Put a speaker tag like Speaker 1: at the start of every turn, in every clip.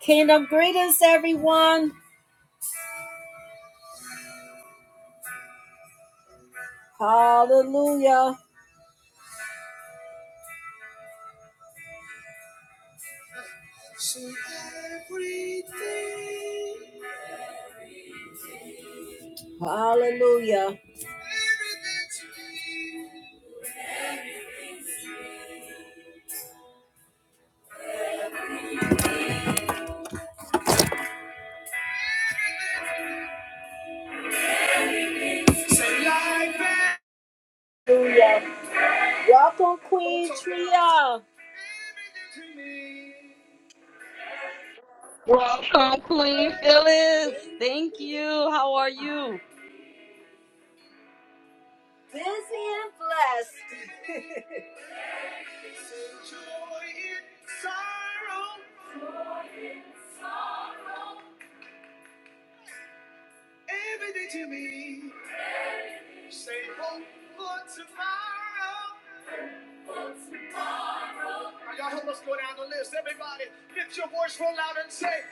Speaker 1: Kingdom greetings, everyone. Hallelujah. To everything. Hallelujah. Everything to me. Say life and Hallelujah. Welcome, Queen Tria. Everything to me.
Speaker 2: Welcome, Queen Phyllis. Thank you. How are you?
Speaker 1: Busy and blessed. So joy and sorrow. Everything to me. Say hope for tomorrow. Y'all help us go down the list. Everybody, lift your voice real loud and say,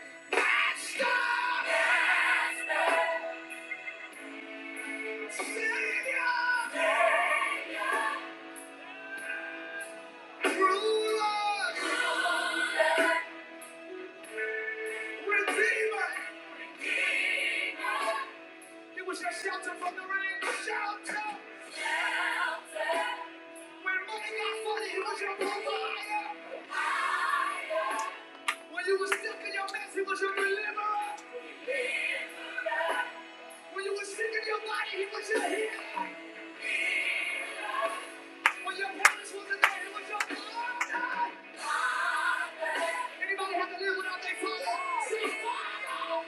Speaker 1: Stop! Savior! Ruler! Redeemer! He was your shelter from the rain. Shelter! When money got funny, he was your provider. When you were sick in your mess, he was your deliverer. When you were sick in your body, he was your healer. When your parents wasn't there, he was your father. Anybody have to live without their father? Say, Father!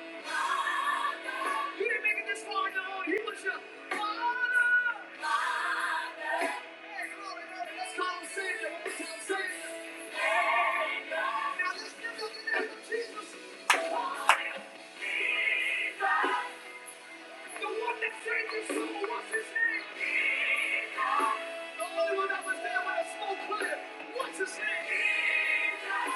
Speaker 1: You didn't make it this far on your own. He was your father. Father. Hey, come on, everybody. Let's call him Savior. Let's call him Savior. Savior. Now let's give him the name of Jesus. Father, Jesus. The one that saved his soul, what's his name? Jesus. The only one that was there when the smoke cleared, what's his name? Jesus.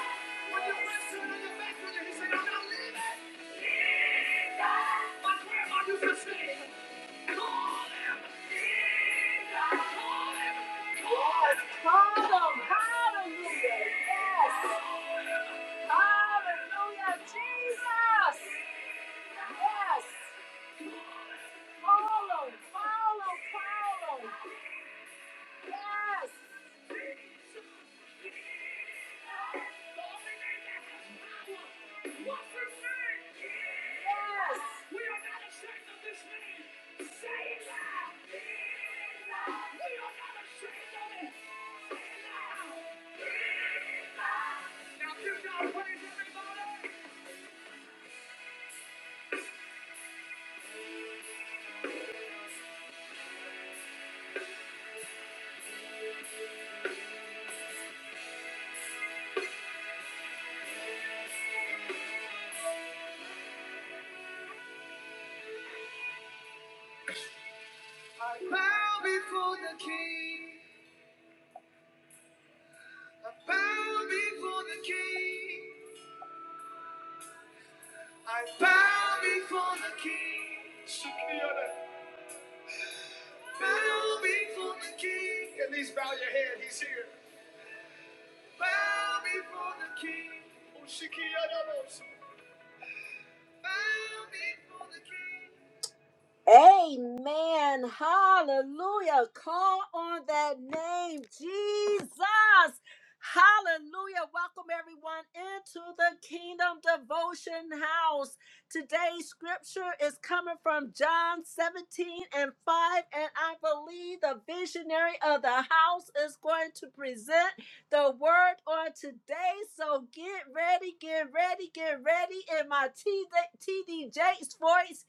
Speaker 1: When your best friend and your back on you, he said, I'm not leaving. Jesus. My grandma used to sing, call him. Jesus. Call him. Call him. Hallelujah. Yes. Hallelujah. Jesus. Yes. Follow, follow, follow. Yes. I bow before the King. I bow before the King. I bow before the King. Bow before the King. At least bow your head. He's here. Bow before the King. Bow before the King. Amen. Hallelujah. Call on that name, Jesus. Hallelujah. Welcome everyone into the Kingdom Devotion House. Today's scripture is coming from John 17 and 5. And I believe the visionary of the house is going to present the word on today. So get ready, get ready, get ready in my TD, Jakes voice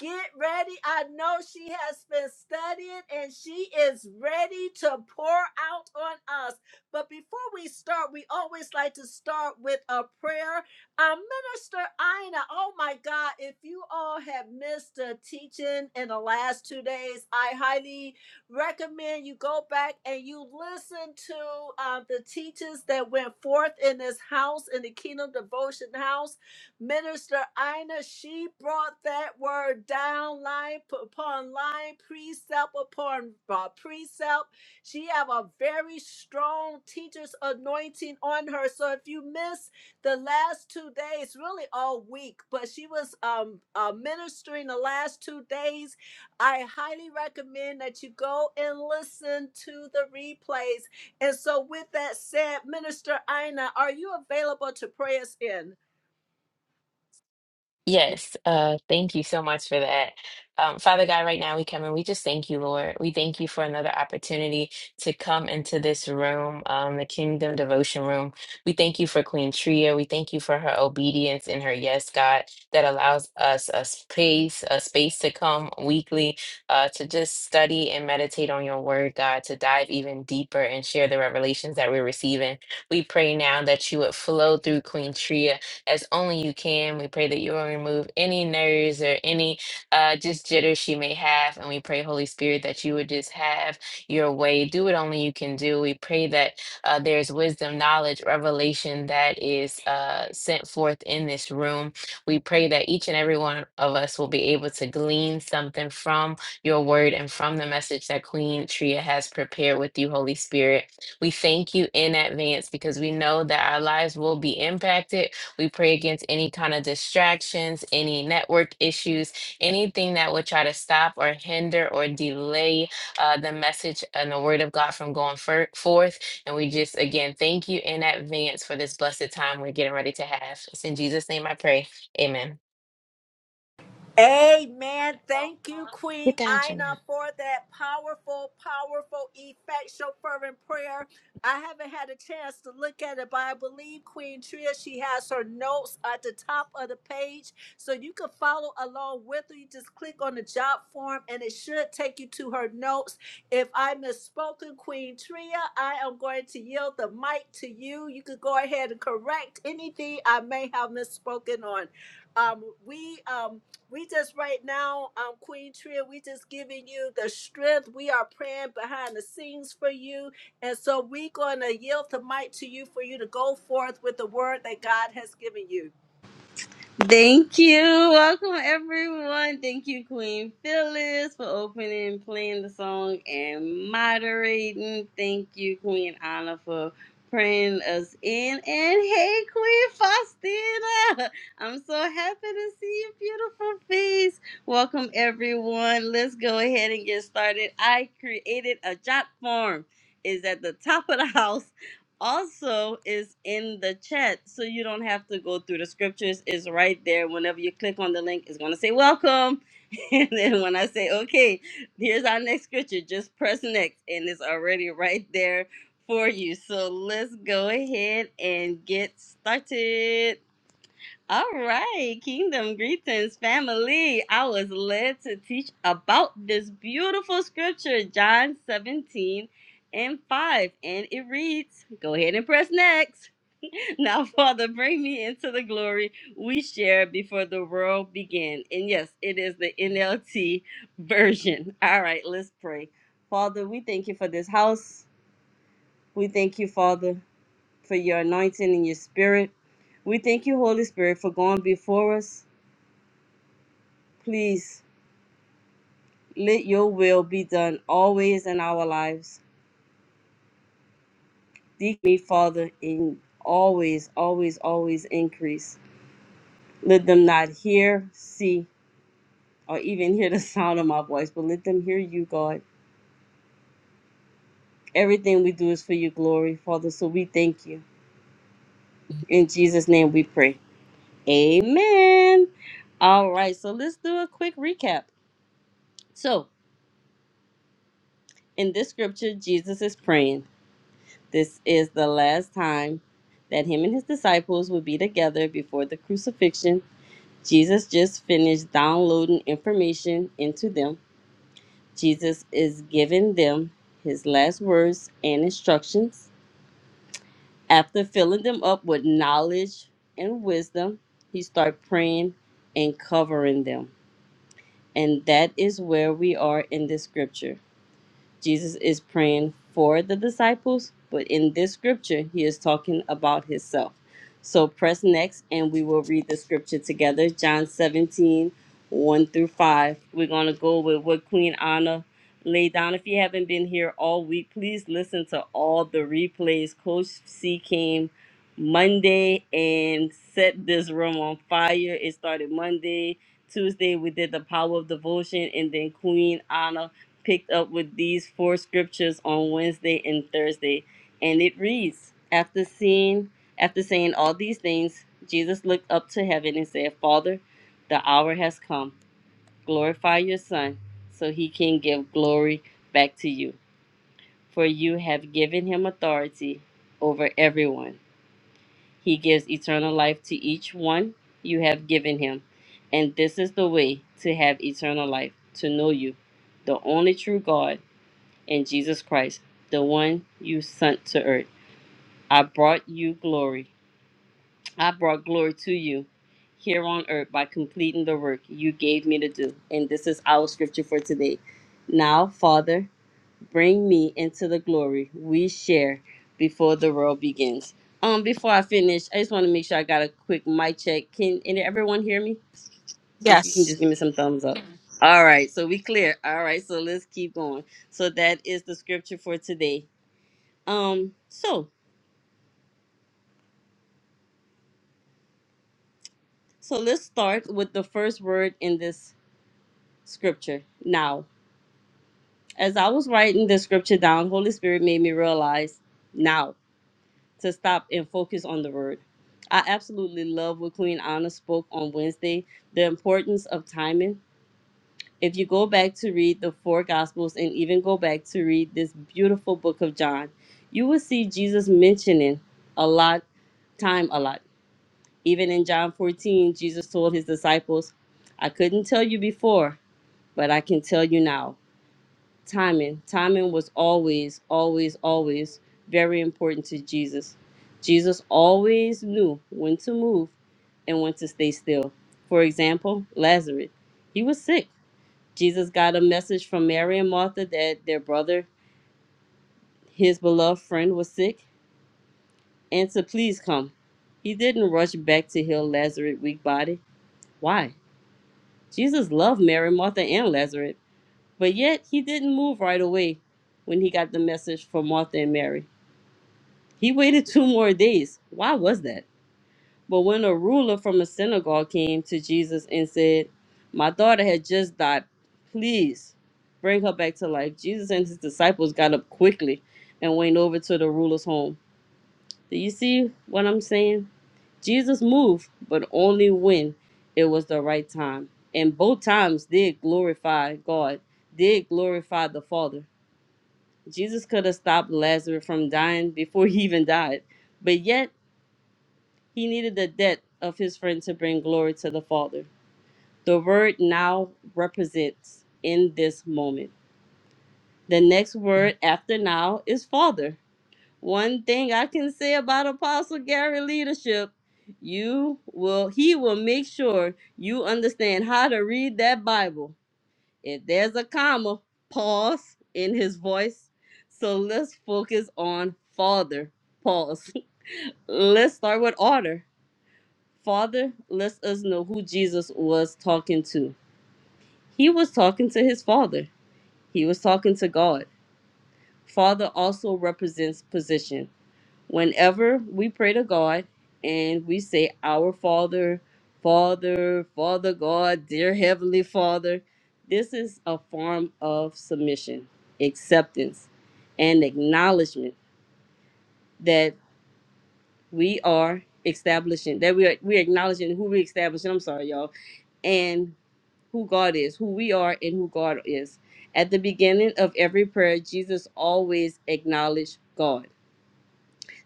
Speaker 1: Get ready. I know she has been studying and she is ready to pour out on us. But before we start, we always like to start with a prayer. Our minister Ina, oh my God, if you all have missed the teaching in the last two days, I highly recommend you go back and you listen to um, the teachings that went forth in this house, in the Kingdom Devotion house Minister Ina, she brought that word down line p- upon line, precept upon uh, precept. She have a very strong teacher's anointing on her. So if you miss the last two days, really all week, but she was um uh, ministering the last two days. I highly recommend that you go and listen to the replays. And so, with that said, Minister Ina, are you available to pray us in?
Speaker 3: Yes, uh, thank you so much for that. Um, Father God, right now we come and we just thank you, Lord. We thank you for another opportunity to come into this room, um, the Kingdom Devotion Room. We thank you for Queen Tria. We thank you for her obedience and her yes, God, that allows us a space, a space to come weekly, uh, to just study and meditate on your word, God, to dive even deeper and share the revelations that we're receiving. We pray now that you would flow through Queen Tria as only you can. We pray that you will remove any nerves or any uh, just jitters she may have. And we pray, Holy Spirit, that you would just have your way. Do what only you can do. We pray that uh, there's wisdom, knowledge, revelation that is uh, sent forth in this room. We pray that each and every one of us will be able to glean something from your word and from the message that Queen Tria has prepared with you, Holy Spirit. We thank you in advance because we know that our lives will be impacted. We pray against any kind of distractions, any network issues, anything that would try to stop or hinder or delay uh, the message and the word of God from going fir- forth. And we just, again, thank you in advance for this blessed time we're getting ready to have. It's in Jesus' name I pray. Amen.
Speaker 1: Amen. Thank you,
Speaker 3: Get
Speaker 1: Queen
Speaker 3: down,
Speaker 1: Ina,
Speaker 3: Jamel.
Speaker 1: for that powerful, powerful, effectual, fervent prayer. I haven't had a chance to look at it, but I believe Queen Tria, she has her notes at the top of the page. So you can follow along with her. You just click on the job form and it should take you to her notes. If I misspoken, Queen Tria, I am going to yield the mic to you. You could go ahead and correct anything I may have misspoken on. Um, we um we just right now, um, Queen Tria, we just giving you the strength. We are praying behind the scenes for you. And so we gonna yield the mic to you for you to go forth with the word that God has given you.
Speaker 2: Thank you. Welcome, everyone. Thank you, Queen Phyllis, for opening, playing the song, and moderating. Thank you, Queen Anna, for praying us in. And hey, Queen Faustina, I'm so happy to see your beautiful face. Welcome, everyone. Let's go ahead and get started. I created a job form. Is at the top of the house also is in the chat, so you don't have to go through the scriptures. It's right there. Whenever you click on the link, it's gonna say welcome. And then when I say, okay, here's our next scripture, just press next, and it's already right there for you. So let's go ahead and get started. All right, kingdom greetings, family. I was led to teach about this beautiful scripture, John 17 and 5. And it reads, Go ahead and press next. Now, Father, bring me into the glory we shared before the world began. And yes, it is the NLT version. All right, let's pray. Father, we thank you for this house. We thank you, Father, for your anointing and your spirit. We thank you, Holy Spirit, for going before us. Please let your will be done always in our lives. Seek me, Father, in always, always, always increase. Let them not hear, see, or even hear the sound of my voice, but let them hear you, God. Everything we do is for your glory, Father. So we thank you. In Jesus' name we pray. Amen. All right, so let's do a quick recap. So in this scripture, Jesus is praying. This is the last time that him and his disciples would be together before the crucifixion. Jesus just finished downloading information into them. Jesus is giving them his last words and instructions. After filling them up with knowledge and wisdom, he starts praying and covering them. And that is where we are in this scripture. Jesus is praying for the disciples, but in this scripture, he is talking about himself. So press next and we will read the scripture together. John seventeen, one through 5. We're going to go with what Queen Anna laid down. If you haven't been here all week, please listen to all the replays. Coach C came Monday and set this room on fire. It started Monday. Tuesday, we did the power of devotion, and then Queen Anna picked up with these four scriptures on Wednesday and Thursday. And it reads, after seeing, after saying all these things, Jesus looked up to heaven and said, Father, the hour has come. Glorify your son so he can give glory back to you. For you have given him authority over everyone. He gives eternal life to each one you have given him. And this is the way to have eternal life, to know you, the only true God in Jesus Christ, the one you sent to earth. I brought you glory. I brought glory to you here on earth by completing the work you gave me to do. And this is our scripture for today. Now, Father, bring me into the glory we share before the world begins. Um, before I finish, I just want to make sure I got a quick mic check. Can and everyone hear me? Just you can just give me some thumbs up. All right, so we clear. All right, so let's keep going. So that is the scripture for today. Um, so, so let's start with the first word in this scripture. Now, as I was writing the scripture down, Holy Spirit made me realize now to stop and focus on the word. I absolutely love what Queen Anna spoke on Wednesday, the importance of timing. If you go back to read the four gospels and even go back to read this beautiful book of John, you will see Jesus mentioning a lot, time a lot. Even in John 14, Jesus told his disciples, I couldn't tell you before, but I can tell you now. Timing. Timing was always, always, always very important to Jesus. Jesus always knew when to move and when to stay still. For example, Lazarus. He was sick. Jesus got a message from Mary and Martha that their brother, his beloved friend, was sick and to please come. He didn't rush back to heal Lazarus' weak body. Why? Jesus loved Mary, Martha, and Lazarus, but yet he didn't move right away when he got the message from Martha and Mary. He waited two more days. Why was that? But when a ruler from a synagogue came to Jesus and said, My daughter had just died. Please bring her back to life. Jesus and his disciples got up quickly and went over to the ruler's home. Do you see what I'm saying? Jesus moved, but only when it was the right time. And both times did glorify God, did glorify the Father. Jesus could have stopped Lazarus from dying before he even died, but yet he needed the death of his friend to bring glory to the Father. The word now represents in this moment. The next word after now is Father One thing I can say about Apostle Gary leadership, you will he will make sure you understand how to read that Bible. If there's a comma, pause in his voice. So let's focus on Father. Pause. let's start with order. Father lets us know who Jesus was talking to. He was talking to his father. He was talking to God. Father also represents position. whenever we pray to God and we say, Our Father, Father, Father God, dear Heavenly Father, this is a form of submission, acceptance, and acknowledgement that we are establishing, that we are we are acknowledging who we establishing, I'm sorry, y'all, and who God is, who we are, and who God is. At the beginning of every prayer, Jesus always acknowledged God.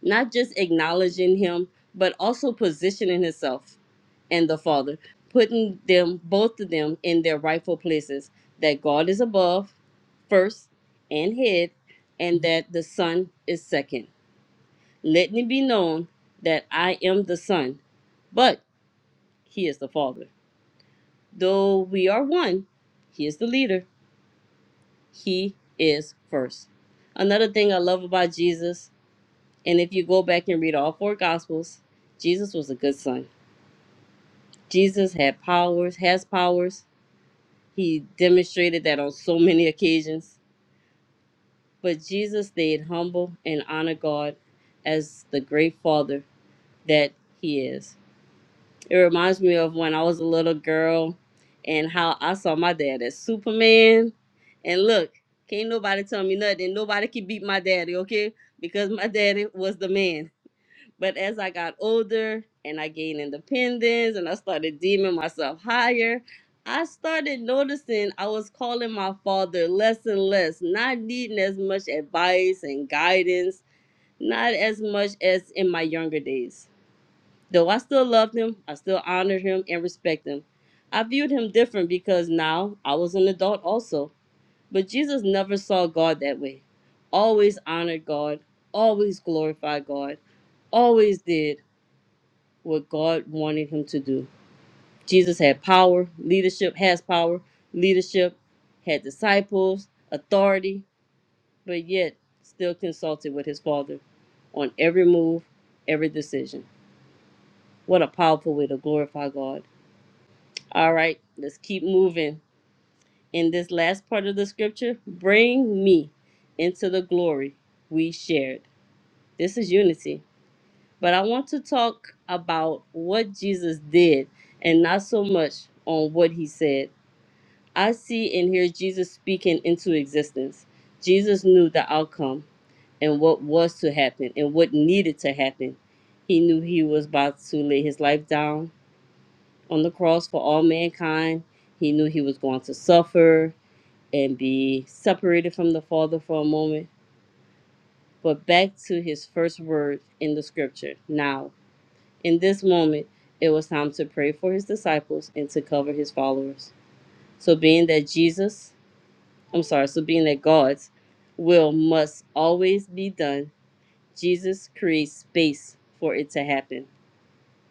Speaker 2: not just acknowledging him, but also positioning himself and the Father, putting them, both of them, in their rightful places. That God is above first and head, and that the Son is second. Let me be known that I am the Son, but He is the Father. Though we are one, He is the leader, He is first. Another thing I love about Jesus, and if you go back and read all four Gospels, Jesus was a good son Jesus had powers, has powers. He demonstrated that on so many occasions. But Jesus stayed humble and honored God as the great father that he is. It reminds me of when I was a little girl and how I saw my dad as Superman. And look, can't nobody tell me nothing. Nobody can beat my daddy, okay? Because my daddy was the man But as I got older and I gained independence and I started deeming myself higher, I started noticing I was calling my father less and less, not needing as much advice and guidance, not as much as in my younger days. Though I still loved him, I still honored him and respected him. I viewed him different because now I was an adult also. But Jesus never saw God that way. Always honored God, always glorified God, always did what God wanted him to do. Jesus had power, leadership has power, leadership had disciples, authority, but yet still consulted with his Father on every move, every decision. What a powerful way to glorify God. All right, let's keep moving. In this last part of the scripture, bring me into the glory we shared. This is unity. But I want to talk about what Jesus did and not so much on what he said. I see and hear Jesus speaking into existence. Jesus knew the outcome and what was to happen and what needed to happen. He knew he was about to lay his life down on the cross for all mankind. He knew he was going to suffer and be separated from the Father for a moment. But back to his first word in the scripture now. In this moment, it was time to pray for his disciples and to cover his followers. So, being that Jesus, I'm sorry, so being that God's will must always be done, Jesus creates space for it to happen,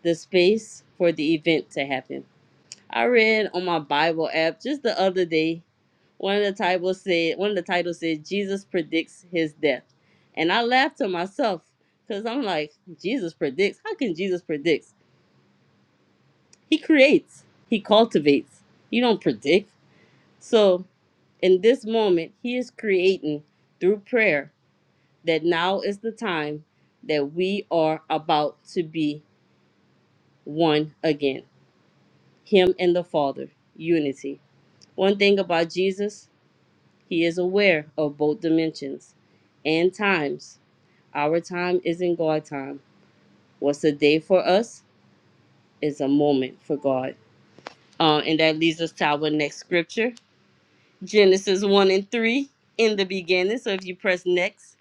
Speaker 2: the space for the event to happen. I read on my Bible app just the other day, one of the titles said, one of the titles said, Jesus predicts his death. And I laughed to myself because I'm like, Jesus predicts? How can Jesus predict? He creates, he cultivates. He don't predict. So, in this moment, he is creating through prayer that now is the time that we are about to be one again. Him and the Father, unity. One thing about Jesus, he is aware of both dimensions and times. Our time isn't God time. What's a day for us is a moment for God. Uh, and that leads us to our next scripture, Genesis 1 and 3 in the beginning. So if you press next,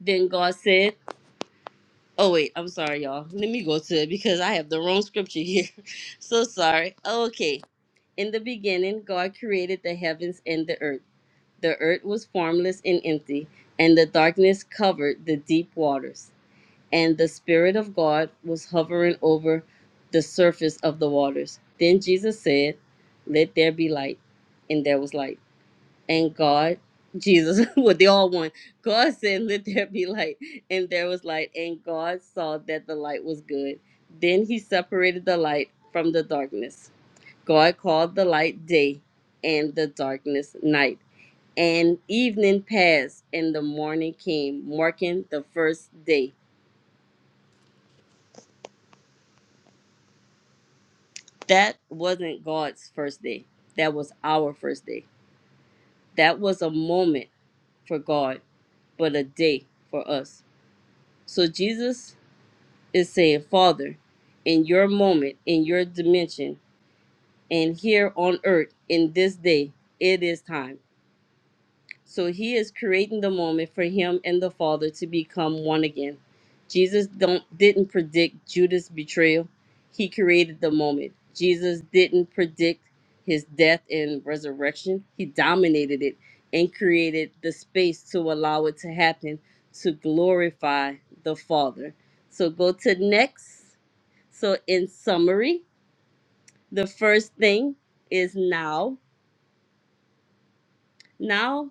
Speaker 2: then God said, Oh, wait, I'm sorry, y'all. Let me go to it because I have the wrong scripture here. so sorry. Okay. In the beginning, God created the heavens and the earth. The earth was formless and empty, and the darkness covered the deep waters. And the Spirit of God was hovering over the surface of the waters. Then Jesus said, Let there be light. And there was light. and God, Jesus, what they all one. God said, Let there be light. And there was light. And God saw that the light was good. Then he separated the light from the darkness. God called the light day and the darkness night. And evening passed and the morning came, marking the first day. That wasn't God's first day. That was our first day. That was a moment for God, but a day for us. So Jesus is saying, Father, in your moment, in your dimension, and here on earth, in this day, it is time. So he is creating the moment for him and the Father to become one again. Jesus don't didn't predict Judas' betrayal. He created the moment. Jesus didn't predict his death and resurrection. He dominated it and created the space to allow it to happen to glorify the Father. So go to next. So, in summary, the first thing is now. Now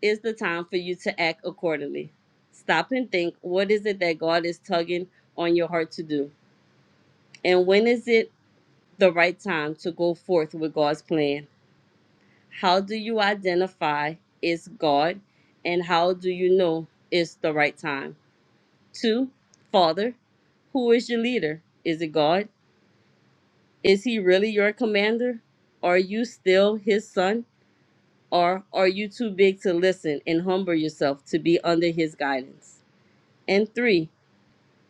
Speaker 2: is the time for you to act accordingly. Stop and think what is it that God is tugging on your heart to do? And when is it the right time to go forth with God's plan? How do you identify it's God? And how do you know it's the right time? Two, Father, who is your leader? Is it God? Is he really your commander? Are you still his son? Or are you too big to listen and humble yourself to be under his guidance? And three,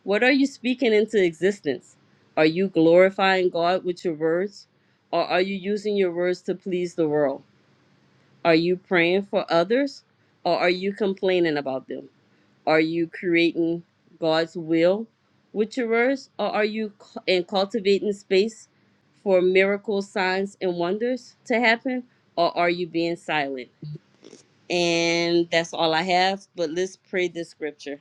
Speaker 2: what are you speaking into existence? Are you glorifying God with your words? Or are you using your words to please the world? Are you praying for others? Or are you complaining about them? Are you creating God's will with your words? Or are you cu- and cultivating space for miracles, signs, and wonders to happen? Or are you being silent? And that's all I have. But let's pray this scripture.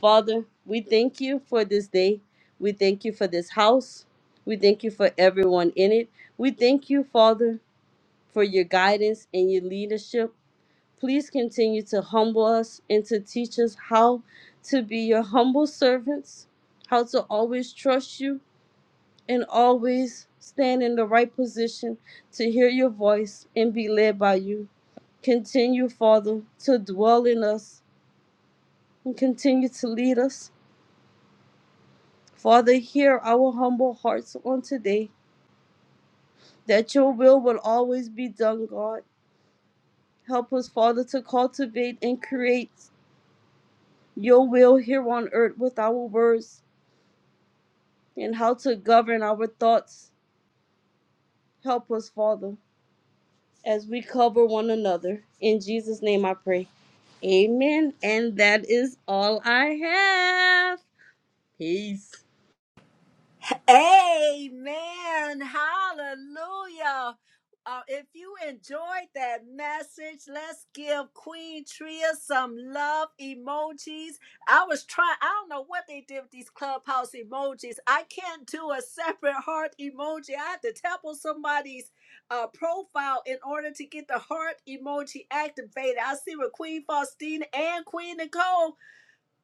Speaker 2: Father, we thank you for this day. We thank you for this house. We thank you for everyone in it. We thank you, Father, for your guidance and your leadership. Please continue to humble us and to teach us how to be your humble servants, how to always trust you and always stand in the right position to hear your voice and be led by you. Continue, Father, to dwell in us and continue to lead us. Father, hear our humble hearts on today that your will will always be done, God. Help us, Father, to cultivate and create your will here on earth with our words and how to govern our thoughts. Help us, Father, as we cover one another. In Jesus' name I pray. Amen. And that is all I have. Peace.
Speaker 1: Amen. Hallelujah. Uh, if you enjoyed that message, let's give Queen Tria some love emojis. I was trying, I don't know what they did with these clubhouse emojis. I can't do a separate heart emoji. I have to tap on somebody's uh, profile in order to get the heart emoji activated. I see with Queen Faustina and Queen Nicole.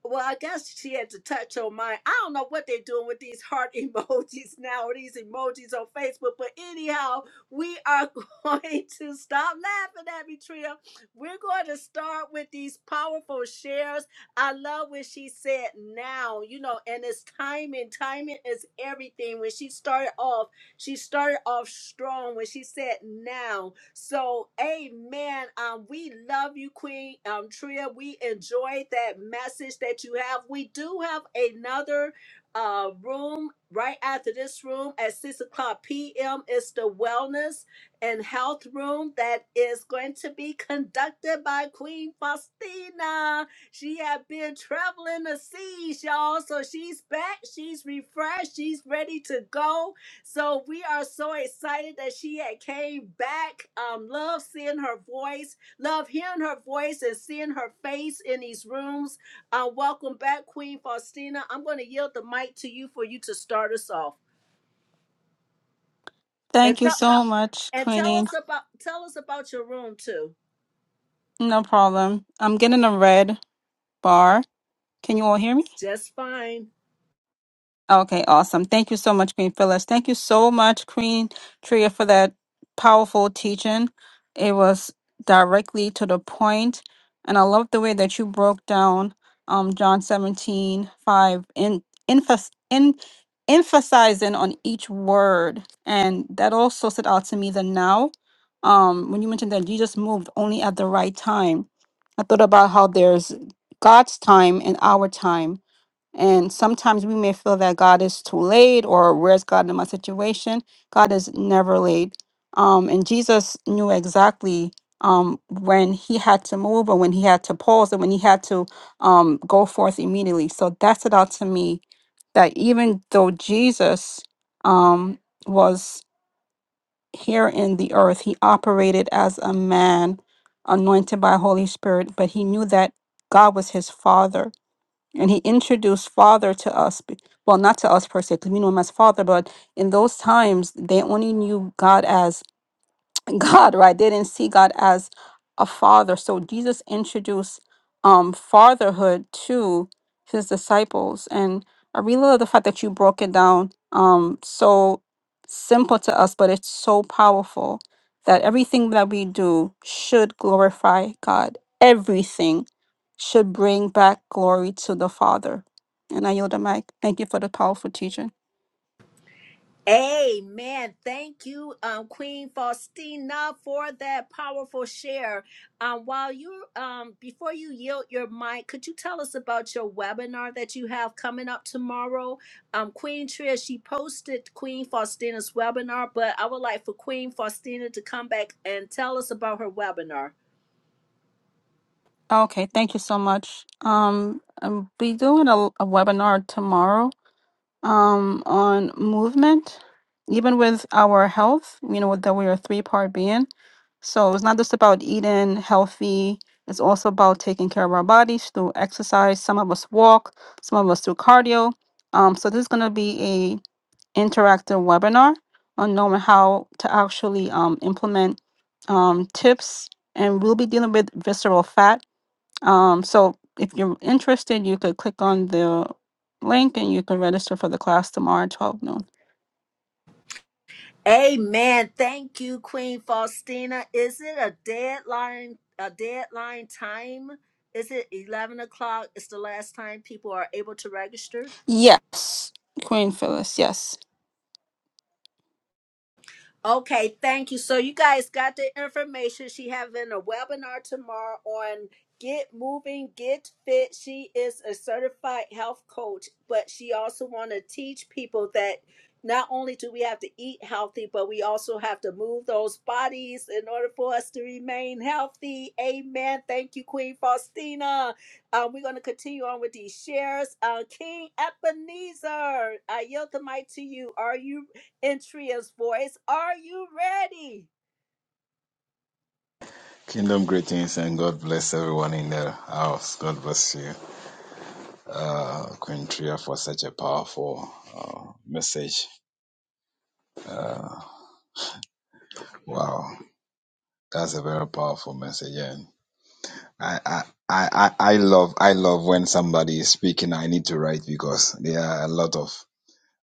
Speaker 1: Well, I guess she had to touch on mine. I don't know what they're doing with these heart emojis now, or these emojis on Facebook. But anyhow, we are going to stop laughing at me, Tria. We're going to start with these powerful shares. I love what she said now, you know, and it's timing. Timing is everything. When she started off, she started off strong when she said now. So, amen. Um, we love you, Queen um, Tria. We enjoyed that message that you have. We do have another uh, room right after this room at 6 o'clock p.m. It's the Wellness and Health Room that is going to be conducted by Queen Faustina. She had been traveling the seas, y'all. So she's back. She's refreshed. She's ready to go so we are so excited that she had came back. Um, love seeing her voice, love hearing her voice and seeing her face in these rooms. Uh, welcome back, Queen Faustina. I'm going to yield the mic to you for you to start us off and
Speaker 4: Thank you
Speaker 1: tell
Speaker 4: so much,
Speaker 1: and tell
Speaker 4: Queen.
Speaker 1: us about tell us about your room too.
Speaker 4: No problem. I'm getting a red bar. Can you all hear me?
Speaker 1: Just fine.
Speaker 4: Okay, awesome. Thank you so much, Queen Phyllis. Thank you so much, Queen Tria, for that powerful teaching. It was directly to the point, and I love the way that you broke down um John seventeen five, 5, in, emphas in emphasizing on each word. And that also stood out to me the now. Um, when you mentioned that Jesus moved only at the right time. I thought about how there's God's time and our time and sometimes we may feel that God is too late or where's God in my situation? God is never late. Um, and Jesus knew exactly um, when he had to move and when he had to pause and when he had to um, go forth immediately. So that stood out to me that even though Jesus um, was here in the earth, he operated as a man anointed by Holy Spirit, but he knew that God was his father and he introduced father to us, be- well, not to us per se, because we knew him as father, but in those times, they only knew God as God, right? They didn't see God as a father. So Jesus introduced um fatherhood to his disciples. And I really love the fact that you broke it down um so simple to us, but it's so powerful that everything that we do should glorify God. Everything should bring back glory to the Father. And I yield the mic. Thank you for the powerful teaching.
Speaker 1: Amen. Thank you, um, Queen Faustina, for that powerful share. Um, while you, um, before you yield your mic, could you tell us about your webinar that you have coming up tomorrow? Um, Queen Tria, she posted Queen Faustina's webinar, but I would like for Queen Faustina to come back and tell us about her webinar.
Speaker 4: Okay, thank you so much. Um, I'll be doing a, a webinar tomorrow. um, on movement, even with our health, you know, that we're a three part being. So it's not just about eating healthy, it's also about taking care of our bodies through exercise. Some of us walk, some of us do cardio. Um, so this is going to be a interactive webinar on knowing how to actually um, implement um, tips. And we'll be dealing with visceral fat um, so if you're interested, you could click on the link and you can register for the class tomorrow at 12 noon.
Speaker 1: Amen. Thank you, Queen Faustina. Is it a deadline? A deadline time? Is it eleven o'clock? Is the last time people are able to register?
Speaker 4: Yes, Queen Phyllis, yes.
Speaker 1: Okay, thank you. So you guys got the information. She having a webinar tomorrow on get moving, get fit. She is a certified health coach, but she also want to teach people that not only do we have to eat healthy, but we also have to move those bodies in order for us to remain healthy. Amen. Thank you, Queen Faustina. Um, we're going to continue on with these shares. Uh, King Ebenezer, I yield the mic to you. Are you in Tria's voice. Are you ready?
Speaker 5: Kingdom greetings and God bless everyone in the house. God bless you, uh, Queen Tria, for such a powerful uh, message. Wow, that's a very powerful message. And I, I, I, I I love, I love when somebody is speaking. I need to write because there are a lot of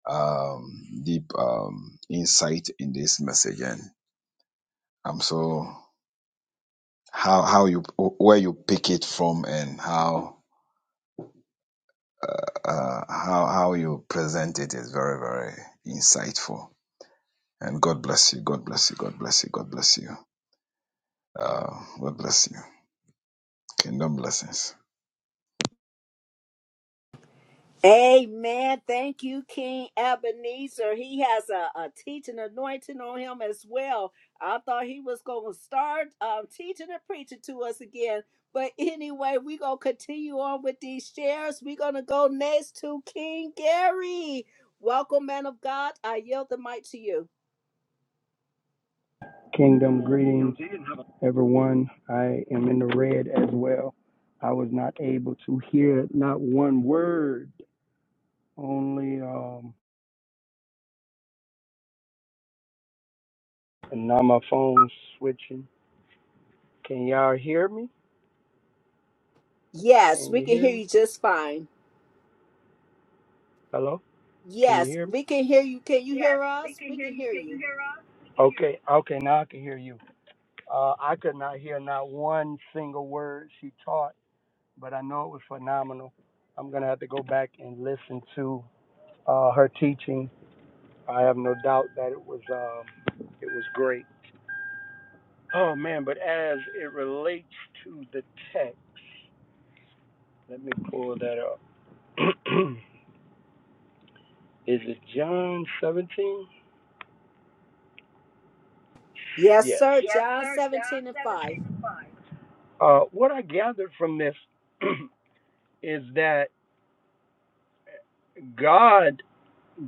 Speaker 5: um, deep um, insight in this message, and I'm so how how you where you pick it from and how uh, how how you present it is very very insightful. And God bless you. God bless you. God bless you. God bless you. Uh, God bless you. Kingdom blessings.
Speaker 1: Amen. Thank you, King Ebenezer. He has a, a teaching anointing on him as well. I thought he was going to start um, teaching and preaching to us again. But anyway, we're going to continue on with these shares. We're going to go next to King Gary. Welcome, man of God. I yield the mic to you.
Speaker 6: Kingdom greetings, everyone. I am in the red as well. I was not able to hear not one word, only, um, and now my phone's switching. Can y'all hear me?
Speaker 1: Yes,
Speaker 6: Can
Speaker 1: we
Speaker 6: you
Speaker 1: can
Speaker 6: hear
Speaker 1: hear
Speaker 6: me?
Speaker 1: you just fine.
Speaker 6: Hello? Can you
Speaker 1: Yes,
Speaker 6: hear me?
Speaker 1: we can hear you. Can you hear us? We can hear you.
Speaker 6: Okay, okay, now I can hear you. Uh, I could not hear not one single word she taught, but I know it was phenomenal. I'm going to have to go back and listen to uh, her teaching. I have no doubt that it was, um, it was great. Oh man, but as it relates to the text, let me pull that up. Is it John 17?
Speaker 1: Yes,
Speaker 6: Yes.
Speaker 1: sir.
Speaker 6: Yes.
Speaker 1: John 17 and 5.
Speaker 6: Uh, what I gathered from this is that God,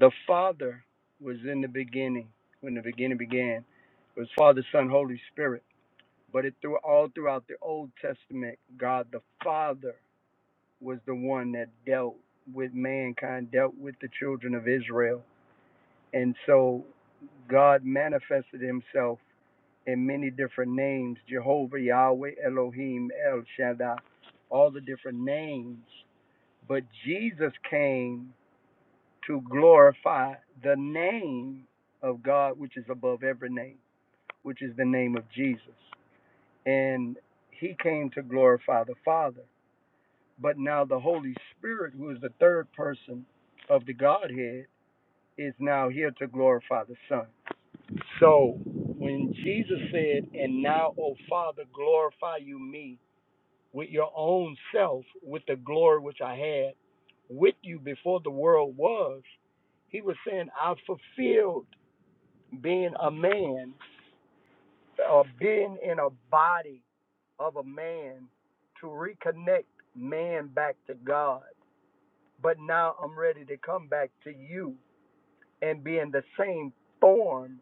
Speaker 6: the Father, was in the beginning. When the beginning began, it was Father, Son, Holy Spirit. But it through all throughout the Old Testament, God the Father was the one that dealt with mankind, dealt with the children of Israel And so God manifested himself in many different names Jehovah, Yahweh, Elohim, El Shaddai, all the different names. But Jesus came to glorify the name of God, which is above every name, which is the name of Jesus. And he came to glorify the Father. But now the Holy Spirit, who is the third person of the Godhead, is now here to glorify the Son. So when Jesus said, And now, O Father, glorify you me with your own self, with the glory which I had with you before the world was, he was saying, I fulfilled being a man or being in a body of a man to reconnect man back to God. But now I'm ready to come back to you and be in the same form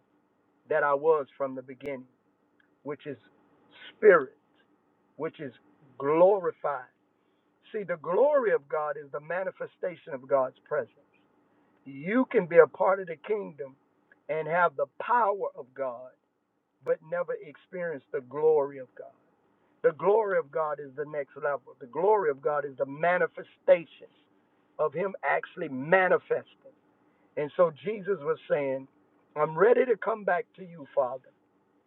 Speaker 6: that I was from the beginning. which is spirit, which is glorified. See, the glory of God is the manifestation of God's presence. You can be a part of the kingdom and have the power of God, but never experience the glory of God. The glory of God is the next level. The glory of God is the manifestation of Him actually manifesting. And so Jesus was saying, I'm ready to come back to you, Father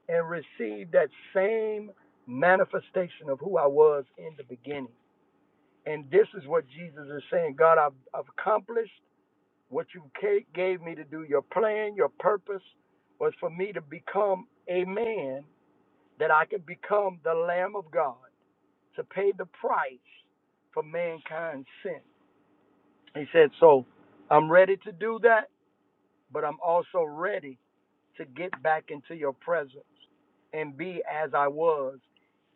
Speaker 6: and receive that same manifestation of who I was in the beginning. And this is what Jesus is saying God, I've, I've accomplished what you gave me to do. Your plan, your purpose was for me to become a man, that I could become the Lamb of God to pay the price for mankind's sin. He said, So I'm ready to do that, but I'm also ready to get back into your presence and be as I was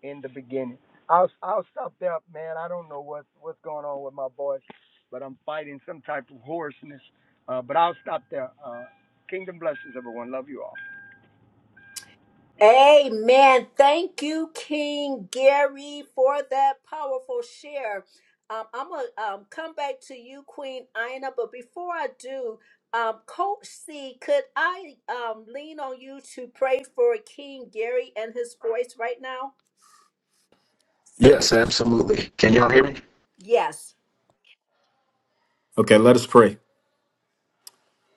Speaker 6: in the beginning. I'll I'll stop there, man. I don't know what's what's going on with my voice, but I'm fighting some type of hoarseness. Uh, but I'll stop there. Uh, kingdom blessings, everyone. Love you all.
Speaker 1: Amen. Thank you, King Gary, for that powerful share. Um, I'm going to um, come back to you, Queen Ina, but before I do, um, Coach C, could I um, lean on you to pray for King Gary and his voice right now?
Speaker 7: Yes, absolutely. Can y'all hear me?
Speaker 1: Yes.
Speaker 7: Okay, let us pray.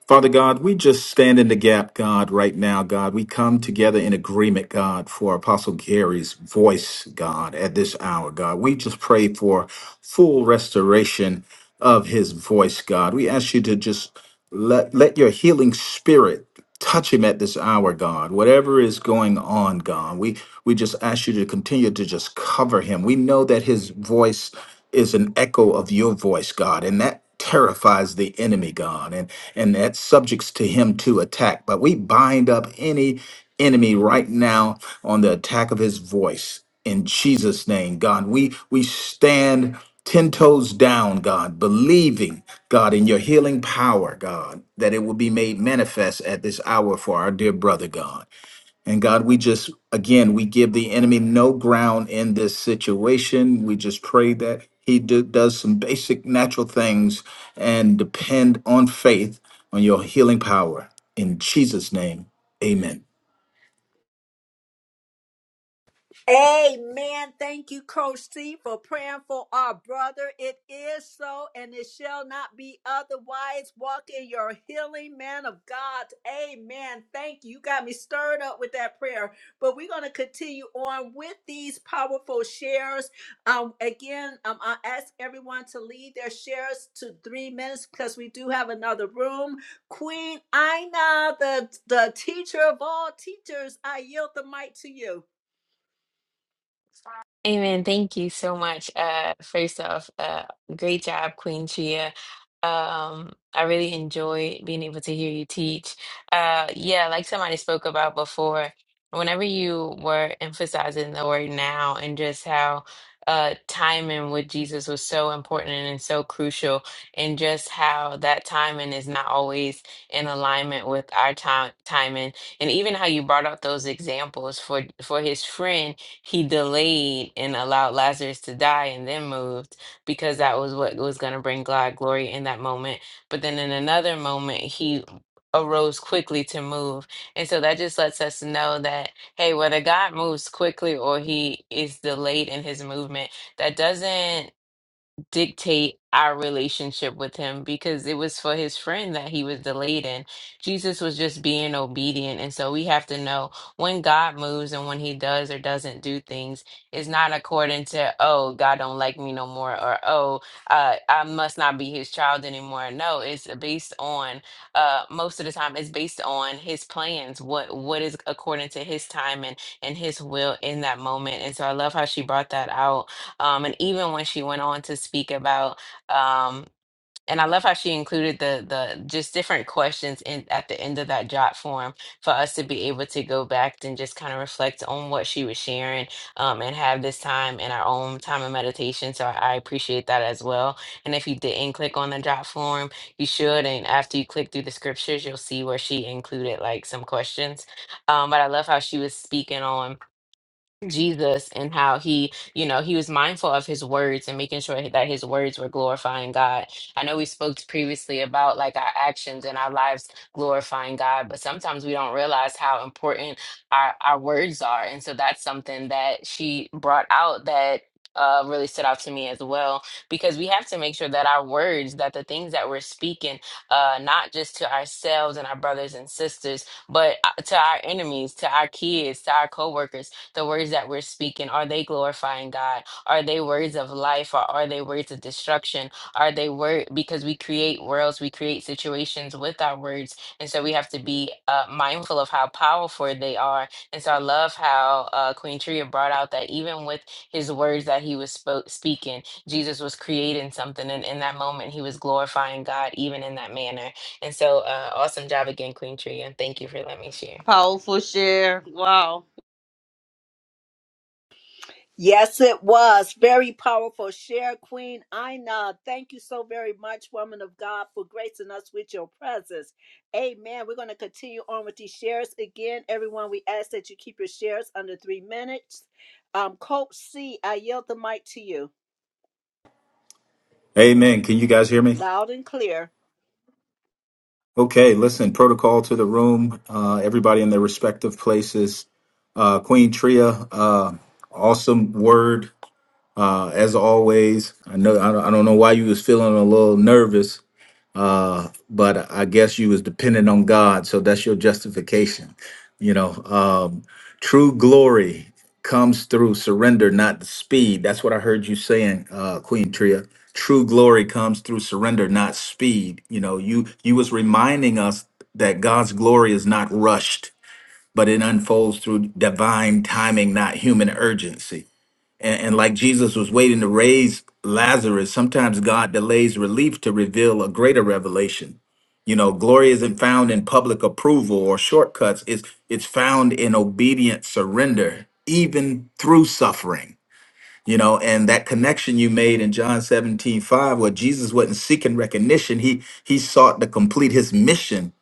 Speaker 7: Father God, we just stand in the gap, God, right now, God. We come together in agreement, God, for Apostle Gary's voice, God, at this hour, God. We just pray for full restoration of his voice, God. We ask you to just let, let your healing spirit touch him at this hour god whatever is going on god we we just ask you to continue to just cover him we know that his voice is an echo of your voice god and that terrifies the enemy god and and that subjects to him to attack but we bind up any enemy right now on the attack of his voice in Jesus' name, God. We we stand ten toes down, God, believing, God, in your healing power, God, that it will be made manifest at this hour for our dear brother, God. And God, we just again we give the enemy no ground in this situation. We just pray that he do, does some basic natural things and depend on faith on your healing power in Jesus' name. Amen.
Speaker 1: Amen. Thank you, Coach C, for praying for our brother. It is so, and it shall not be otherwise. Walk in your healing, man of God. Amen. Thank you. You got me stirred up with that prayer. But we're going to continue on with these powerful shares. Um, again, um, I ask everyone to lead their shares to three minutes because we do have another room. Queen Ina, the, the teacher of all teachers, I yield the mic to you.
Speaker 3: Amen. Thank you so much. Uh, first off, uh, great job, Queen Tria. Um, I really enjoy being able to hear you teach. Uh, yeah, like somebody spoke about before, whenever you were emphasizing the word now and just how uh, timing with Jesus was so important and so crucial, and just how that timing is not always in alignment with our time timing, and even how you brought up those examples for for his friend he delayed and allowed Lazarus to die and then moved because that was what was going to bring God glory in that moment. But then in another moment, he arose quickly to move. And so that just lets us know that, hey, whether God moves quickly or he is delayed in his movement, that doesn't dictate our relationship with him because it was for his friend that he was delayed in. Jesus was just being obedient. And so we have to know when God moves and when he does or doesn't do things, it's not according to, oh, God don't like me no more, or oh, uh, I must not be his child anymore. No, it's based on uh most of the time it's based on his plans, what what is according to his time and, and his will in that moment. And so I love how she brought that out um, and even when she went on to speak about, um, and I love how she included the the just different questions in at the end of that jot form for us to be able to go back and just kind of reflect on what she was sharing um, and have this time in our own time of meditation. So I appreciate that as well. And if you didn't click on the jot form, you should. And after you click through the scriptures, you'll see where she included like some questions. Um, but I love how she was speaking on. Jesus and how he, you know, he was mindful of his words and making sure that his words were glorifying God. I know we spoke previously about like our actions and our lives glorifying God, but sometimes we don't realize how important our, our words are. And so that's something that she brought out that uh, really stood out to me as well, because we have to make sure that our words, that the things that we're speaking, uh, not just to ourselves and our brothers and sisters, but uh, to our enemies, to our kids, to our coworkers, the words that we're speaking are they glorifying god are they words of life or are they words of destruction are they word because we create worlds we create situations with our words and so we have to be uh, mindful of how powerful they are and so i love how uh, queen tria brought out that even with his words that he was spoke, speaking jesus was creating something and in that moment he was glorifying god even in that manner and so uh, awesome job again queen tria and thank you for letting me share
Speaker 2: Powerful share. Wow.
Speaker 1: Yes, it was. Very powerful share, Queen Ina. Thank you so very much, woman of God, for gracing us with your presence. Amen. We're going to continue on with these shares. Again, everyone, we ask that you keep your shares under three minutes. Um, Coach C, I yield the mic to you
Speaker 7: Amen. Can you guys hear me?
Speaker 1: loud and clear.
Speaker 7: Okay, listen, protocol to the room, uh, everybody in their respective places. Uh, Queen Tria, uh, awesome word, uh, as always. I know, I don't I don't know why you was feeling a little nervous, uh but i guess you was dependent on god so that's your justification you know um true glory comes through surrender not the speed that's what i heard you saying uh queen tria true glory comes through surrender not speed you know you you was reminding us that god's glory is not rushed but it unfolds through divine timing not human urgency and, and like Jesus was waiting to raise Lazarus, sometimes God delays relief to reveal a greater revelation. You know, glory isn't found in public approval or shortcuts. It's it's found in obedient surrender, even through suffering. You know, and that connection you made in John 17 5, where Jesus wasn't seeking recognition, he he sought to complete his mission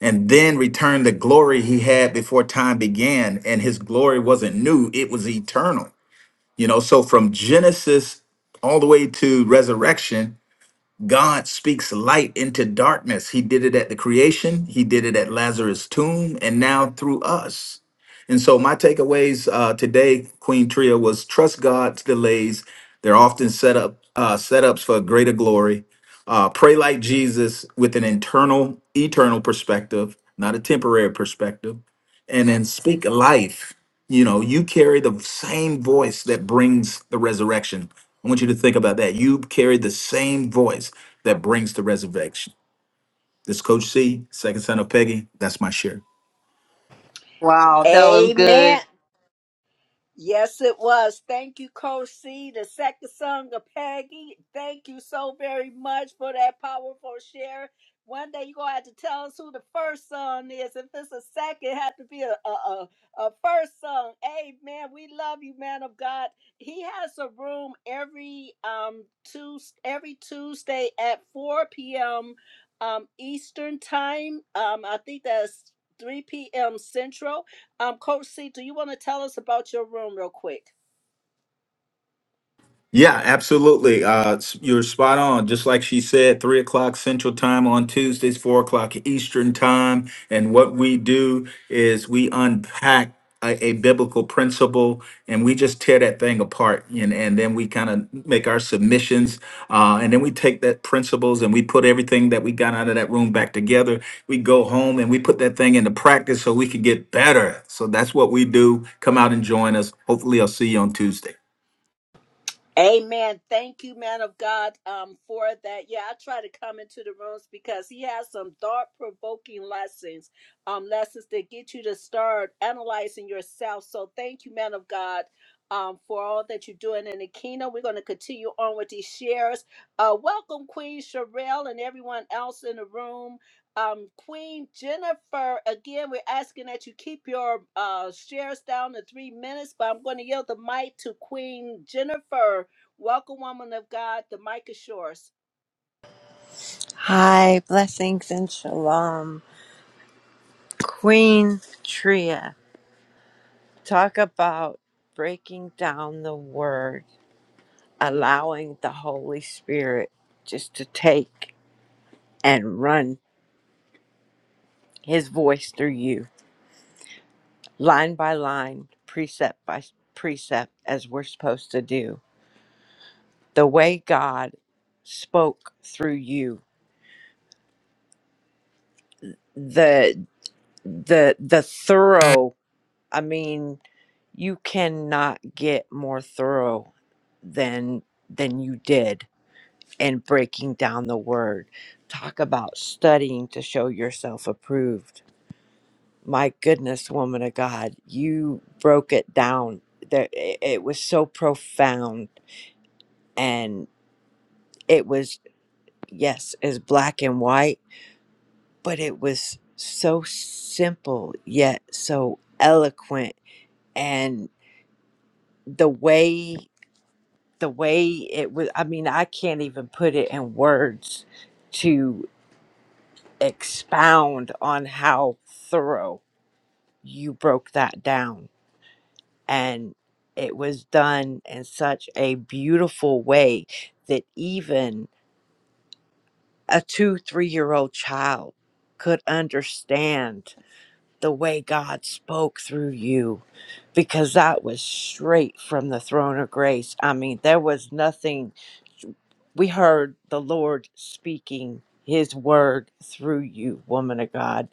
Speaker 7: and then return the glory he had before time began. And his glory wasn't new, it was eternal you know, so from Genesis all the way to resurrection, God speaks light into darkness. He did it at the creation, He did it at Lazarus' tomb, and now through us. And so, my takeaways uh, today, Queen Tria, was trust God's delays. They're often set up uh, setups for greater glory. Uh, pray like Jesus with an internal, eternal perspective, not a temporary perspective, and then speak life you know, you carry the same voice that brings the resurrection. I want you to think about that. You carry the same voice that brings the resurrection. This is Coach C, second son of Peggy, that's my share.
Speaker 2: Wow, that was
Speaker 1: Amen.
Speaker 2: good.
Speaker 1: Yes, it was. Thank you, Coach C, the second son of Peggy. Thank you so very much for that powerful share. One day you're going to have to tell us who the first son is. If it's a second, it have to be a, a, a, a first son. Amen. We love you, man of God. He has a room every um Tues every Tuesday at 4 p.m. Um, Eastern time. Um, I think that's 3 p.m. Central um, Coach C, do you want to tell us about your room real quick?
Speaker 7: Yeah, absolutely. Uh, s- you're spot on. Just like she said, three o'clock Central Time on Tuesdays, four o'clock Eastern Time. And what we do is we unpack a, a biblical principle and we just tear that thing apart. And, and then we kind of make our submissions. Uh, and then we take that principles and we put everything that we got out of that room back together. We go home and we put that thing into practice so we can get better. So that's what we do. Come out and join us. Hopefully, I'll see you on Tuesday.
Speaker 1: Amen. Thank you, man of God, um, for that. Yeah, I try to come into the rooms because he has some thought-provoking lessons, um, lessons that get you to start analyzing yourself. So thank you, man of God, um, for all that you're doing in the kingdom. We're going to continue on with these shares. Uh, welcome, Queen Sherelle and everyone else in the room. Um, Queen Jennifer, again, we're asking that you keep your uh, shares down to three minutes, but I'm going to yield the mic to Queen Jennifer Welcome, woman of God, the mic is yours.
Speaker 8: Hi, blessings and shalom. Queen Tria, talk about breaking down the word, allowing the Holy Spirit just to take and run his voice through you, line by line, precept by precept, as we're supposed to do. The way God spoke through you, the the the thorough, I mean, you cannot get more thorough than than you did in breaking down the word talk about studying to show yourself approved my goodness woman of god you broke it down there it it was so profound and it was yes is black and white but it was so simple yet so eloquent and the way the way it was i mean i can't even put it in words to expound on how thorough you broke that down and it was done in such a beautiful way that even a two three year old child could understand the way God spoke through you because that was straight from the throne of grace. I mean, there was nothing. We heard the Lord speaking his word through you, woman of God.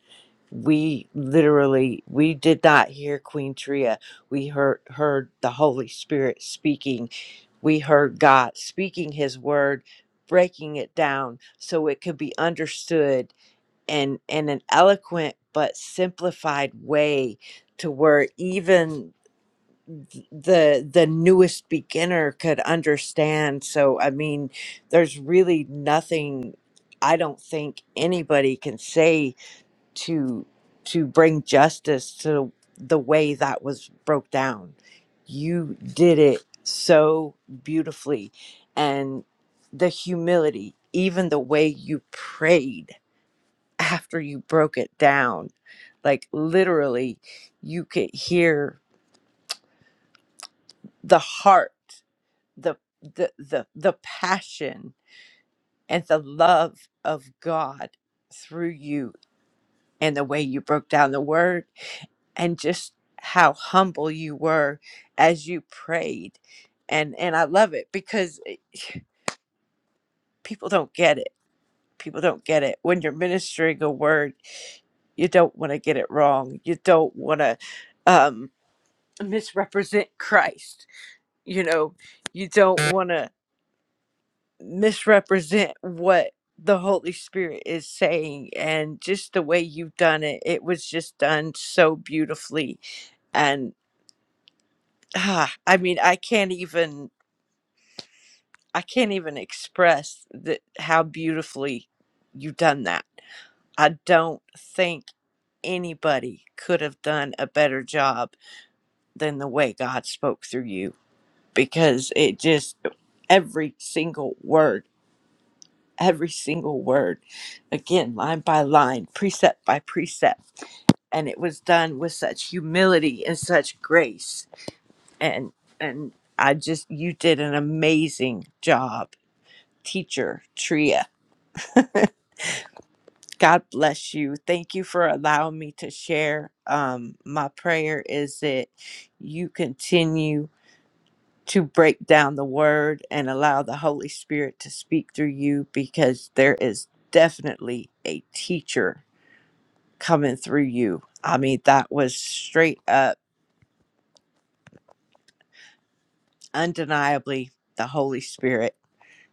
Speaker 8: We literally we did not hear Queen Tria. We heard heard the Holy Spirit speaking. We heard God speaking his word, breaking it down so it could be understood and in an eloquent but simplified way to where even the the newest beginner could understand so i mean there's really nothing i don't think anybody can say to to bring justice to the way that was broke down you did it so beautifully and the humility even the way you prayed after you broke it down like literally you could hear the heart the the the, the passion and the love of god through you and the way you broke down the word and just how humble you were as you prayed and and i love it because it- people don't get it people don't get it when you're ministering a word you don't want to get it wrong you don't want to misrepresent Christ. You know, you don't want to misrepresent what the Holy Spirit is saying. And just the way you've done it, it was just done so beautifully. And ah, I mean, I can't even. I can't even express that how beautifully you've done that. I don't think anybody could have done a better job than the way God spoke through you. because it just every single word, every single word, again, line by line, precept by precept. And it was done with such humility and such grace. And and I just you did an amazing job, teacher Tria. God bless you. Thank you for allowing me to share. Um, my prayer is that you continue to break down the word and allow the Holy Spirit to speak through you because there is definitely a teacher coming through you. I mean, that was straight up, undeniably the Holy Spirit.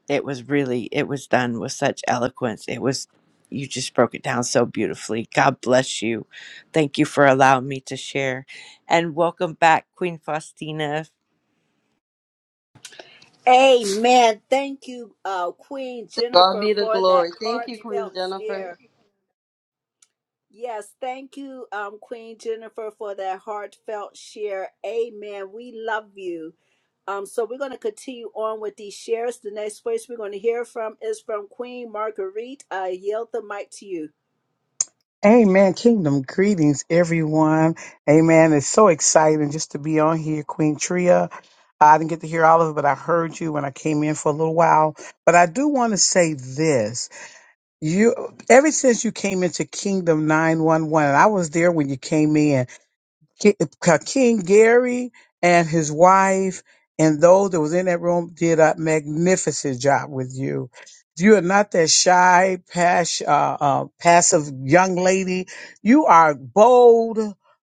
Speaker 8: It was really, it was done with such eloquence. It was, you just broke it down so beautifully. God bless you. Thank you for allowing me to share. And welcome back, Queen Faustina.
Speaker 1: Amen. Thank you, uh, Queen
Speaker 2: To God
Speaker 1: Jennifer,
Speaker 2: be the
Speaker 1: for that
Speaker 2: glory. Thank you, Queen
Speaker 1: heartfelt
Speaker 2: Jennifer.
Speaker 1: share. Yes, thank you, um, Queen Jennifer, for that heartfelt share. Amen. We love you. Um, so we're going to continue on with these shares. The next voice we're going to hear from is from Queen Marguerite. I yield the mic to you.
Speaker 9: Amen. Kingdom greetings, everyone. Amen. It's so exciting just to be on here, Queen Tria. I didn't get to hear all of it, but I heard you when I came in for a little while. But I do want to say this. You ever since you came into Kingdom 911, and I was there when you came in. Ki- Ka- King Gary and his wife and those that was in that room did a magnificent job with you. You are not that shy, pas- uh, uh, passive young lady. You are bold,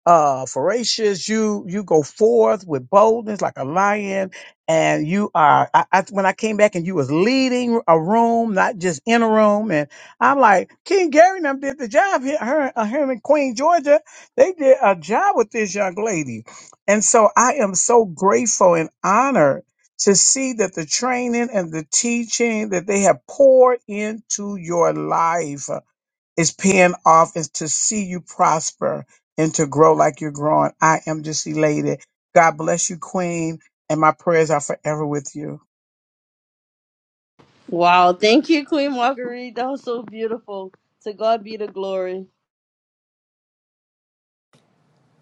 Speaker 9: uh, voracious. You you go forth with boldness like a lion, and you are. I, I, when I came back and you was leading a room, not just in a room, and I'm like King Gary, and them did the job here, her, uh, him in Queen Georgia they did a job with this young lady. And so I am so grateful and honored to see that the training and the teaching that they have poured into your life is paying off and to see you prosper and to grow like you're growing. I am just elated. God bless you, Queen, and my prayers are forever with you.
Speaker 2: Wow, thank you, Queen Marguerite. That was so beautiful. To God be the glory.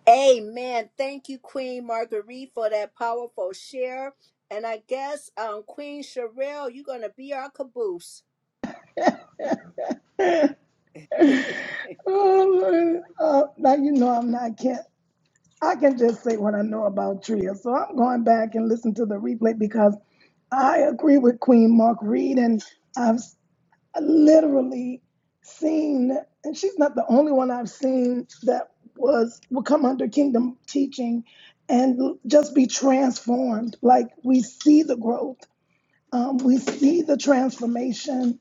Speaker 1: Amen. Thank you, Queen Marguerite, for that powerful share. And I guess, um, Queen Sherelle, you're going to be our caboose.
Speaker 10: Uh, uh, now you know I'm not can I can just say what I know about Tria. So I'm going back and listen to the replay because I agree with Queen Mark Reed and I've s- literally seen and she's not the only one I've seen that was will come under kingdom teaching and l- just be transformed. Like we see the growth. Um, we see the transformation.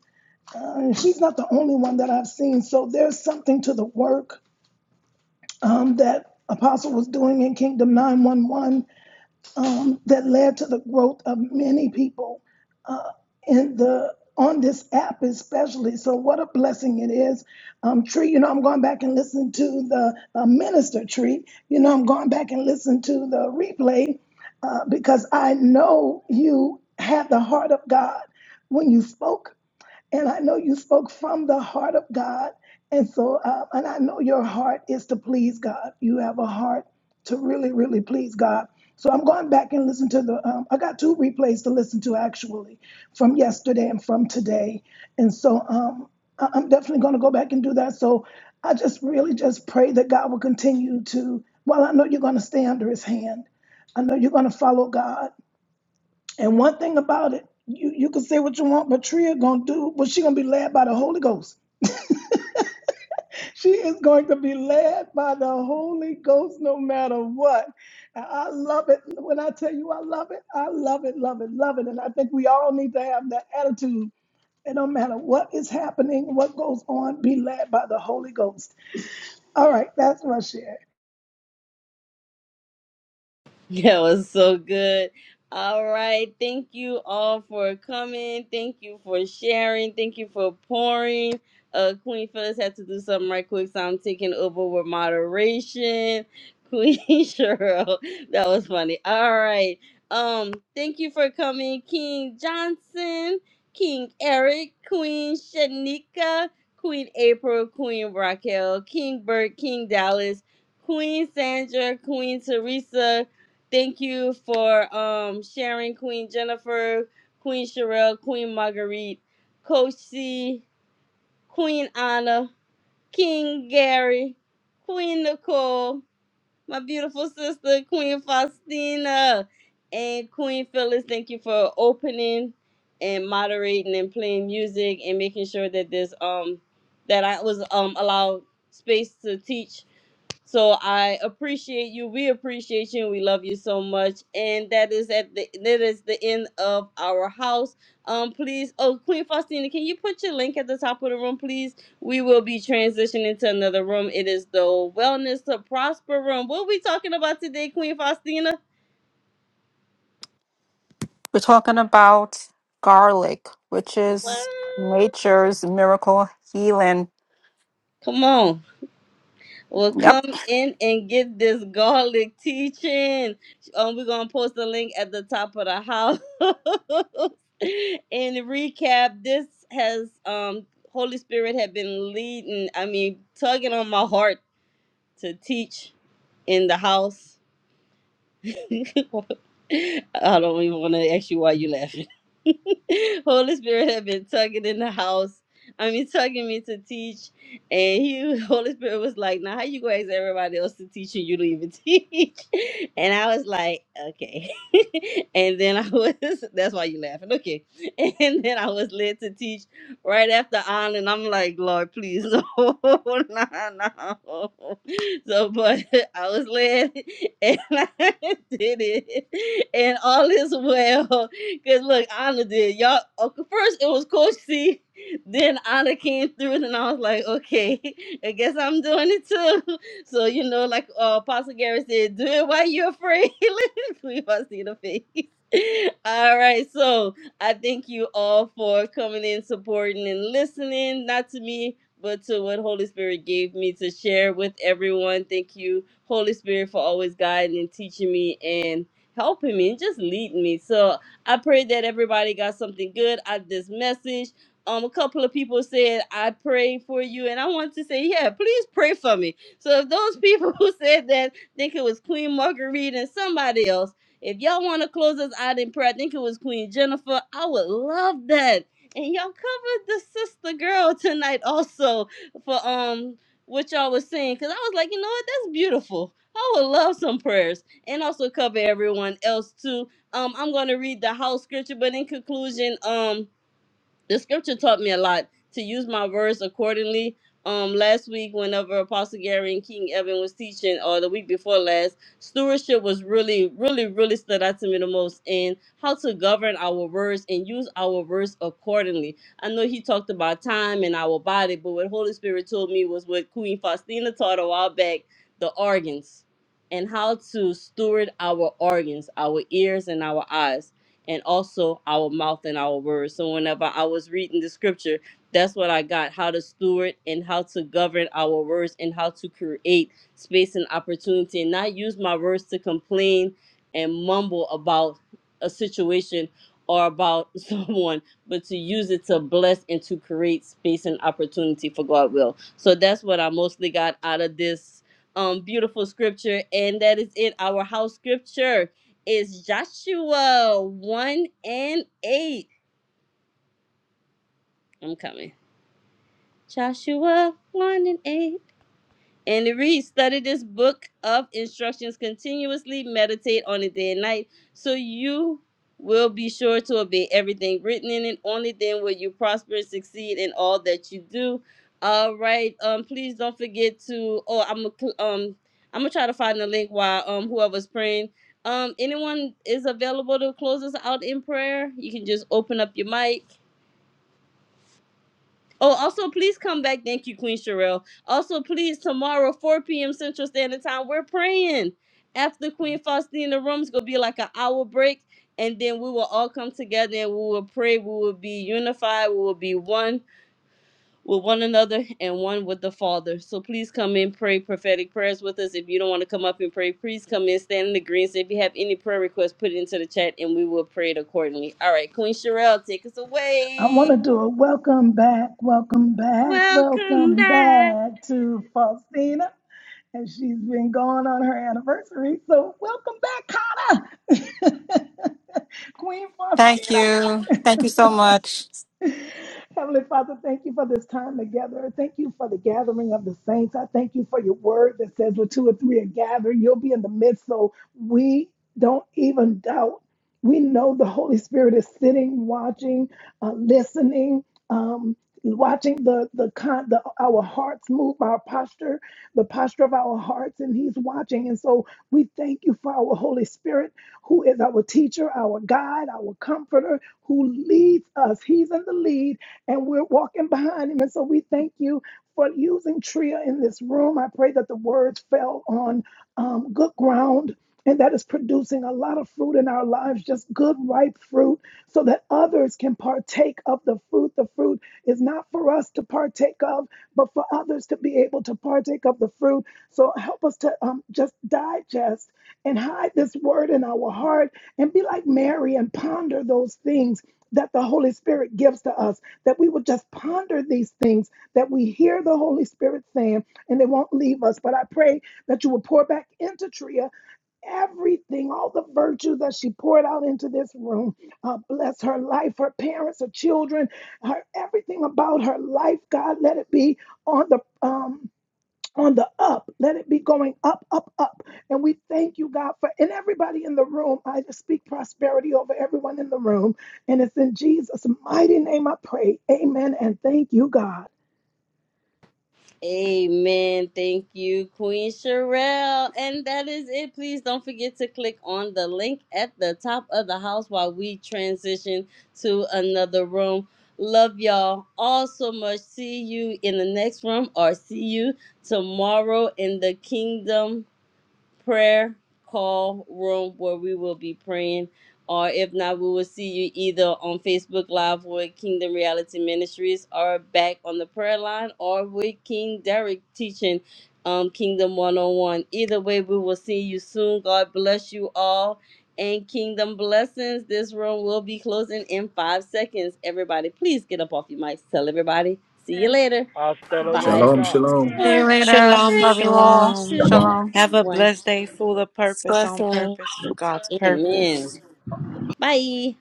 Speaker 10: Uh, she's not the only one that I've seen. So there's something to the work um, that Apostle was doing in Kingdom 911 um, that led to the growth of many people uh, in the on this app especially. So what a blessing it is. Um, Tree, you know, I'm going back and listening to the uh, minister Tree. You know, I'm going back and listening to the replay uh, because I know you had the heart of God when you spoke and I know you spoke from the heart of God. And so, uh, and I know your heart is to please God. You have a heart to really, really please God. So I'm going back and listen to the. Um, I got two replays to listen to actually, from yesterday and from today. And so um, I- I'm definitely going to go back and do that. So I just really just pray that God will continue to. Well, I know you're going to stay under His hand. I know you're going to follow God. And one thing about it, you, you can say what you want, but Tria gonna do, but she gonna be led by the Holy Ghost. She is going to be led by the Holy Ghost no matter what. And I love it. When I tell you I love it, I love it, love it, love it. And I think we all need to have that attitude. And no matter what is happening, what goes on, be led by the Holy Ghost. All right, that's my share.
Speaker 2: That was so good. All right. Thank you all for coming. Thank you for sharing. Thank you for pouring. Uh, Queen Phyllis had to do something right quick, so I'm taking over with moderation. Queen Cheryl, that was funny. All right. Um, thank you for coming, King Johnson, King Eric, Queen Shanika, Queen April, Queen Raquel, King Bert, King Dallas, Queen Sandra, Queen Teresa, Thank you for um, sharing, Queen Jennifer, Queen Sherelle, Queen Marguerite, Coach C, Queen Anna, King Gary, Queen Nicole, my beautiful sister, Queen Faustina, and Queen Phyllis. Thank you for opening and moderating and playing music and making sure that this um that I was um allowed space to teach so I appreciate you. We appreciate you. We love you so much. And that is at the that is the end of our house. Um, please, oh Queen Faustina, can you put your link at the top of the room, please? We will be transitioning to another room. It is the Wellness to Prosper room. What are we talking about today, Queen Faustina?
Speaker 4: We're talking about garlic, which
Speaker 2: What?
Speaker 4: is nature's miracle healing.
Speaker 2: Come on. Well,
Speaker 4: Yep.
Speaker 2: come in and get this garlic teaching. Um, we're gonna post the link at the top of the house. In recap, this has um Holy Spirit had been leading. I mean, tugging on my heart to teach in the house. I don't even want to ask you why you laughing. Holy Spirit had been tugging in the house. I mean, tugging me to teach, and he, Holy Spirit was like, "Now, how you gonna ask everybody else to teach and you don't even teach?" And I was like, "Okay." and then I was—that's why you laughing, okay? And then I was led to teach right after on, and I'm like, "Lord, please, no, no, no." So, but I was led and I did it. And all is well. Because look, Anna did. Y'all, okay, first it was Coach C. Then Anna came through, and I was like, okay, I guess I'm doing it too. So, you know, like uh, Apostle Gary said, do it while you're afraid. we must see the face. All right, so. I thank you all for coming in, supporting, and listening, not to me, but to what Holy Spirit gave me to share with everyone. Thank you, Holy Spirit, for always guiding and teaching me and helping me and just leading me. So I pray that everybody got something good out of this message. Um, a couple of people said, I pray for you, and I want to say, yeah, please pray for me. So if those people who said that think it was Queen Marguerite and somebody else. If y'all want to close us out in prayer, I think it was Queen Jennifer. I would love that. And y'all covered the sister girl tonight also for um what y'all was saying. Cause I was like, you know what? That's beautiful. I would love some prayers. And also cover everyone else too. Um, I'm gonna read the house scripture, but in conclusion, um, the scripture taught me a lot to use my words accordingly. Um, last week, whenever Apostle Gary and King Evan was teaching, or the week before last, stewardship was really, really, really stood out to me the most in how to govern our words and use our words accordingly. I know he talked about time and our body, but what Holy Spirit told me was what Queen Faustina taught a while back the organs and how to steward our organs, our ears, and our eyes and also our mouth and our words. So whenever I was reading the scripture, that's what I got how to steward and how to govern our words and how to create space and opportunity and not use my words to complain and mumble about a situation or about someone, but to use it to bless and to create space and opportunity for God will. So that's what I mostly got out of this um beautiful scripture and that is it our house scripture is Joshua 1 and 8. I'm coming. Joshua 1 and 8. And it reads, study this book of instructions continuously, meditate on it day and night, so you will be sure to obey everything written in it. Only then will you prosper and succeed in all that you do. All right. Um, please don't forget to oh I'm a, um I'm gonna try to find the link while um whoever's praying. Um anyone is available to close us out in prayer, you can just open up your mic. Oh, also, please come back. Thank you, Queen Sherelle. Also, please, tomorrow, 4 p.m. Central Standard Time, we're praying. After Queen Faustina room, it's going to be like an hour break. And then we will all come together and we will pray. We will be unified. We will be one with one another and one with the Father. So please come in, pray prophetic prayers with us. If you don't want to come up and pray, please come in, stand in the greens. If you have any prayer requests, put it into the chat and we will pray it accordingly. All right, Queen Sherelle, take us
Speaker 10: I want to
Speaker 2: away.
Speaker 10: do a welcome back, welcome back,
Speaker 2: Welcome
Speaker 10: welcome
Speaker 2: back.
Speaker 10: back to Faustina. And she's been gone on her anniversary. So, welcome back, Connor. Queen
Speaker 4: Thank
Speaker 10: Faustina.
Speaker 4: you. Thank you so much.
Speaker 10: Heavenly Father, thank you for this time together. Thank you for the gathering of the saints. I thank you for your word that says, where two or three are gathered, you'll be in the midst. So we don't even doubt. We know the Holy Spirit is sitting, watching, uh, listening, um, watching the the, con- the our hearts move, our posture, the posture of our hearts, and He's watching. And so we thank you for our Holy Spirit who is our teacher, our guide, our comforter, who leads us. He's in the lead, and we're walking behind him. And so we thank you for using Tria in this room. I pray that the words fell on um, good ground. And that is producing a lot of fruit in our lives, just good, ripe fruit, so that others can partake of the fruit. The fruit is not for us to partake of, but for others to be able to partake of the fruit. So help us to um, just digest and hide this word in our heart and be like Mary and ponder those things that the Holy Spirit gives to us, that we would just ponder these things that we hear the Holy Spirit saying and they won't leave us. But I pray that you will pour back into Tria everything, all the virtues that she poured out into this room. Uh, bless her life, her parents, her children, her everything about her life. God, let it be on the um on the up. Let it be going up, up, up. And we thank you, God, for and everybody in the room. I just speak prosperity over everyone in the room. And it's in Jesus' mighty name I pray. Amen. And thank you, God.
Speaker 2: Amen. Thank you, Queen Sherelle. And that is it. Please don't forget to click on the link at the top of the house while we transition to another room. Love y'all all so much. See you in the next room or see you tomorrow in the kingdom prayer call room where we will be praying. Or if not, we will see you either on Facebook Live with Kingdom Reality Ministries or back on the prayer line or with King Derek teaching um, Kingdom 101. Either way, we will see you soon. God bless you all and Kingdom blessings. This room will be closing in five seconds. Everybody, please get up off your mics. Tell everybody. See you later.
Speaker 6: Hasta
Speaker 2: Five,
Speaker 7: Shalom,
Speaker 6: luego.
Speaker 7: shalom.
Speaker 8: Shalom,
Speaker 4: You all.
Speaker 8: shalom.
Speaker 2: two,
Speaker 4: Shalom.
Speaker 8: Have a
Speaker 2: one.
Speaker 8: blessed day full of purpose, on
Speaker 3: blessing
Speaker 8: purpose, for God's purpose.
Speaker 2: Amen. Bye.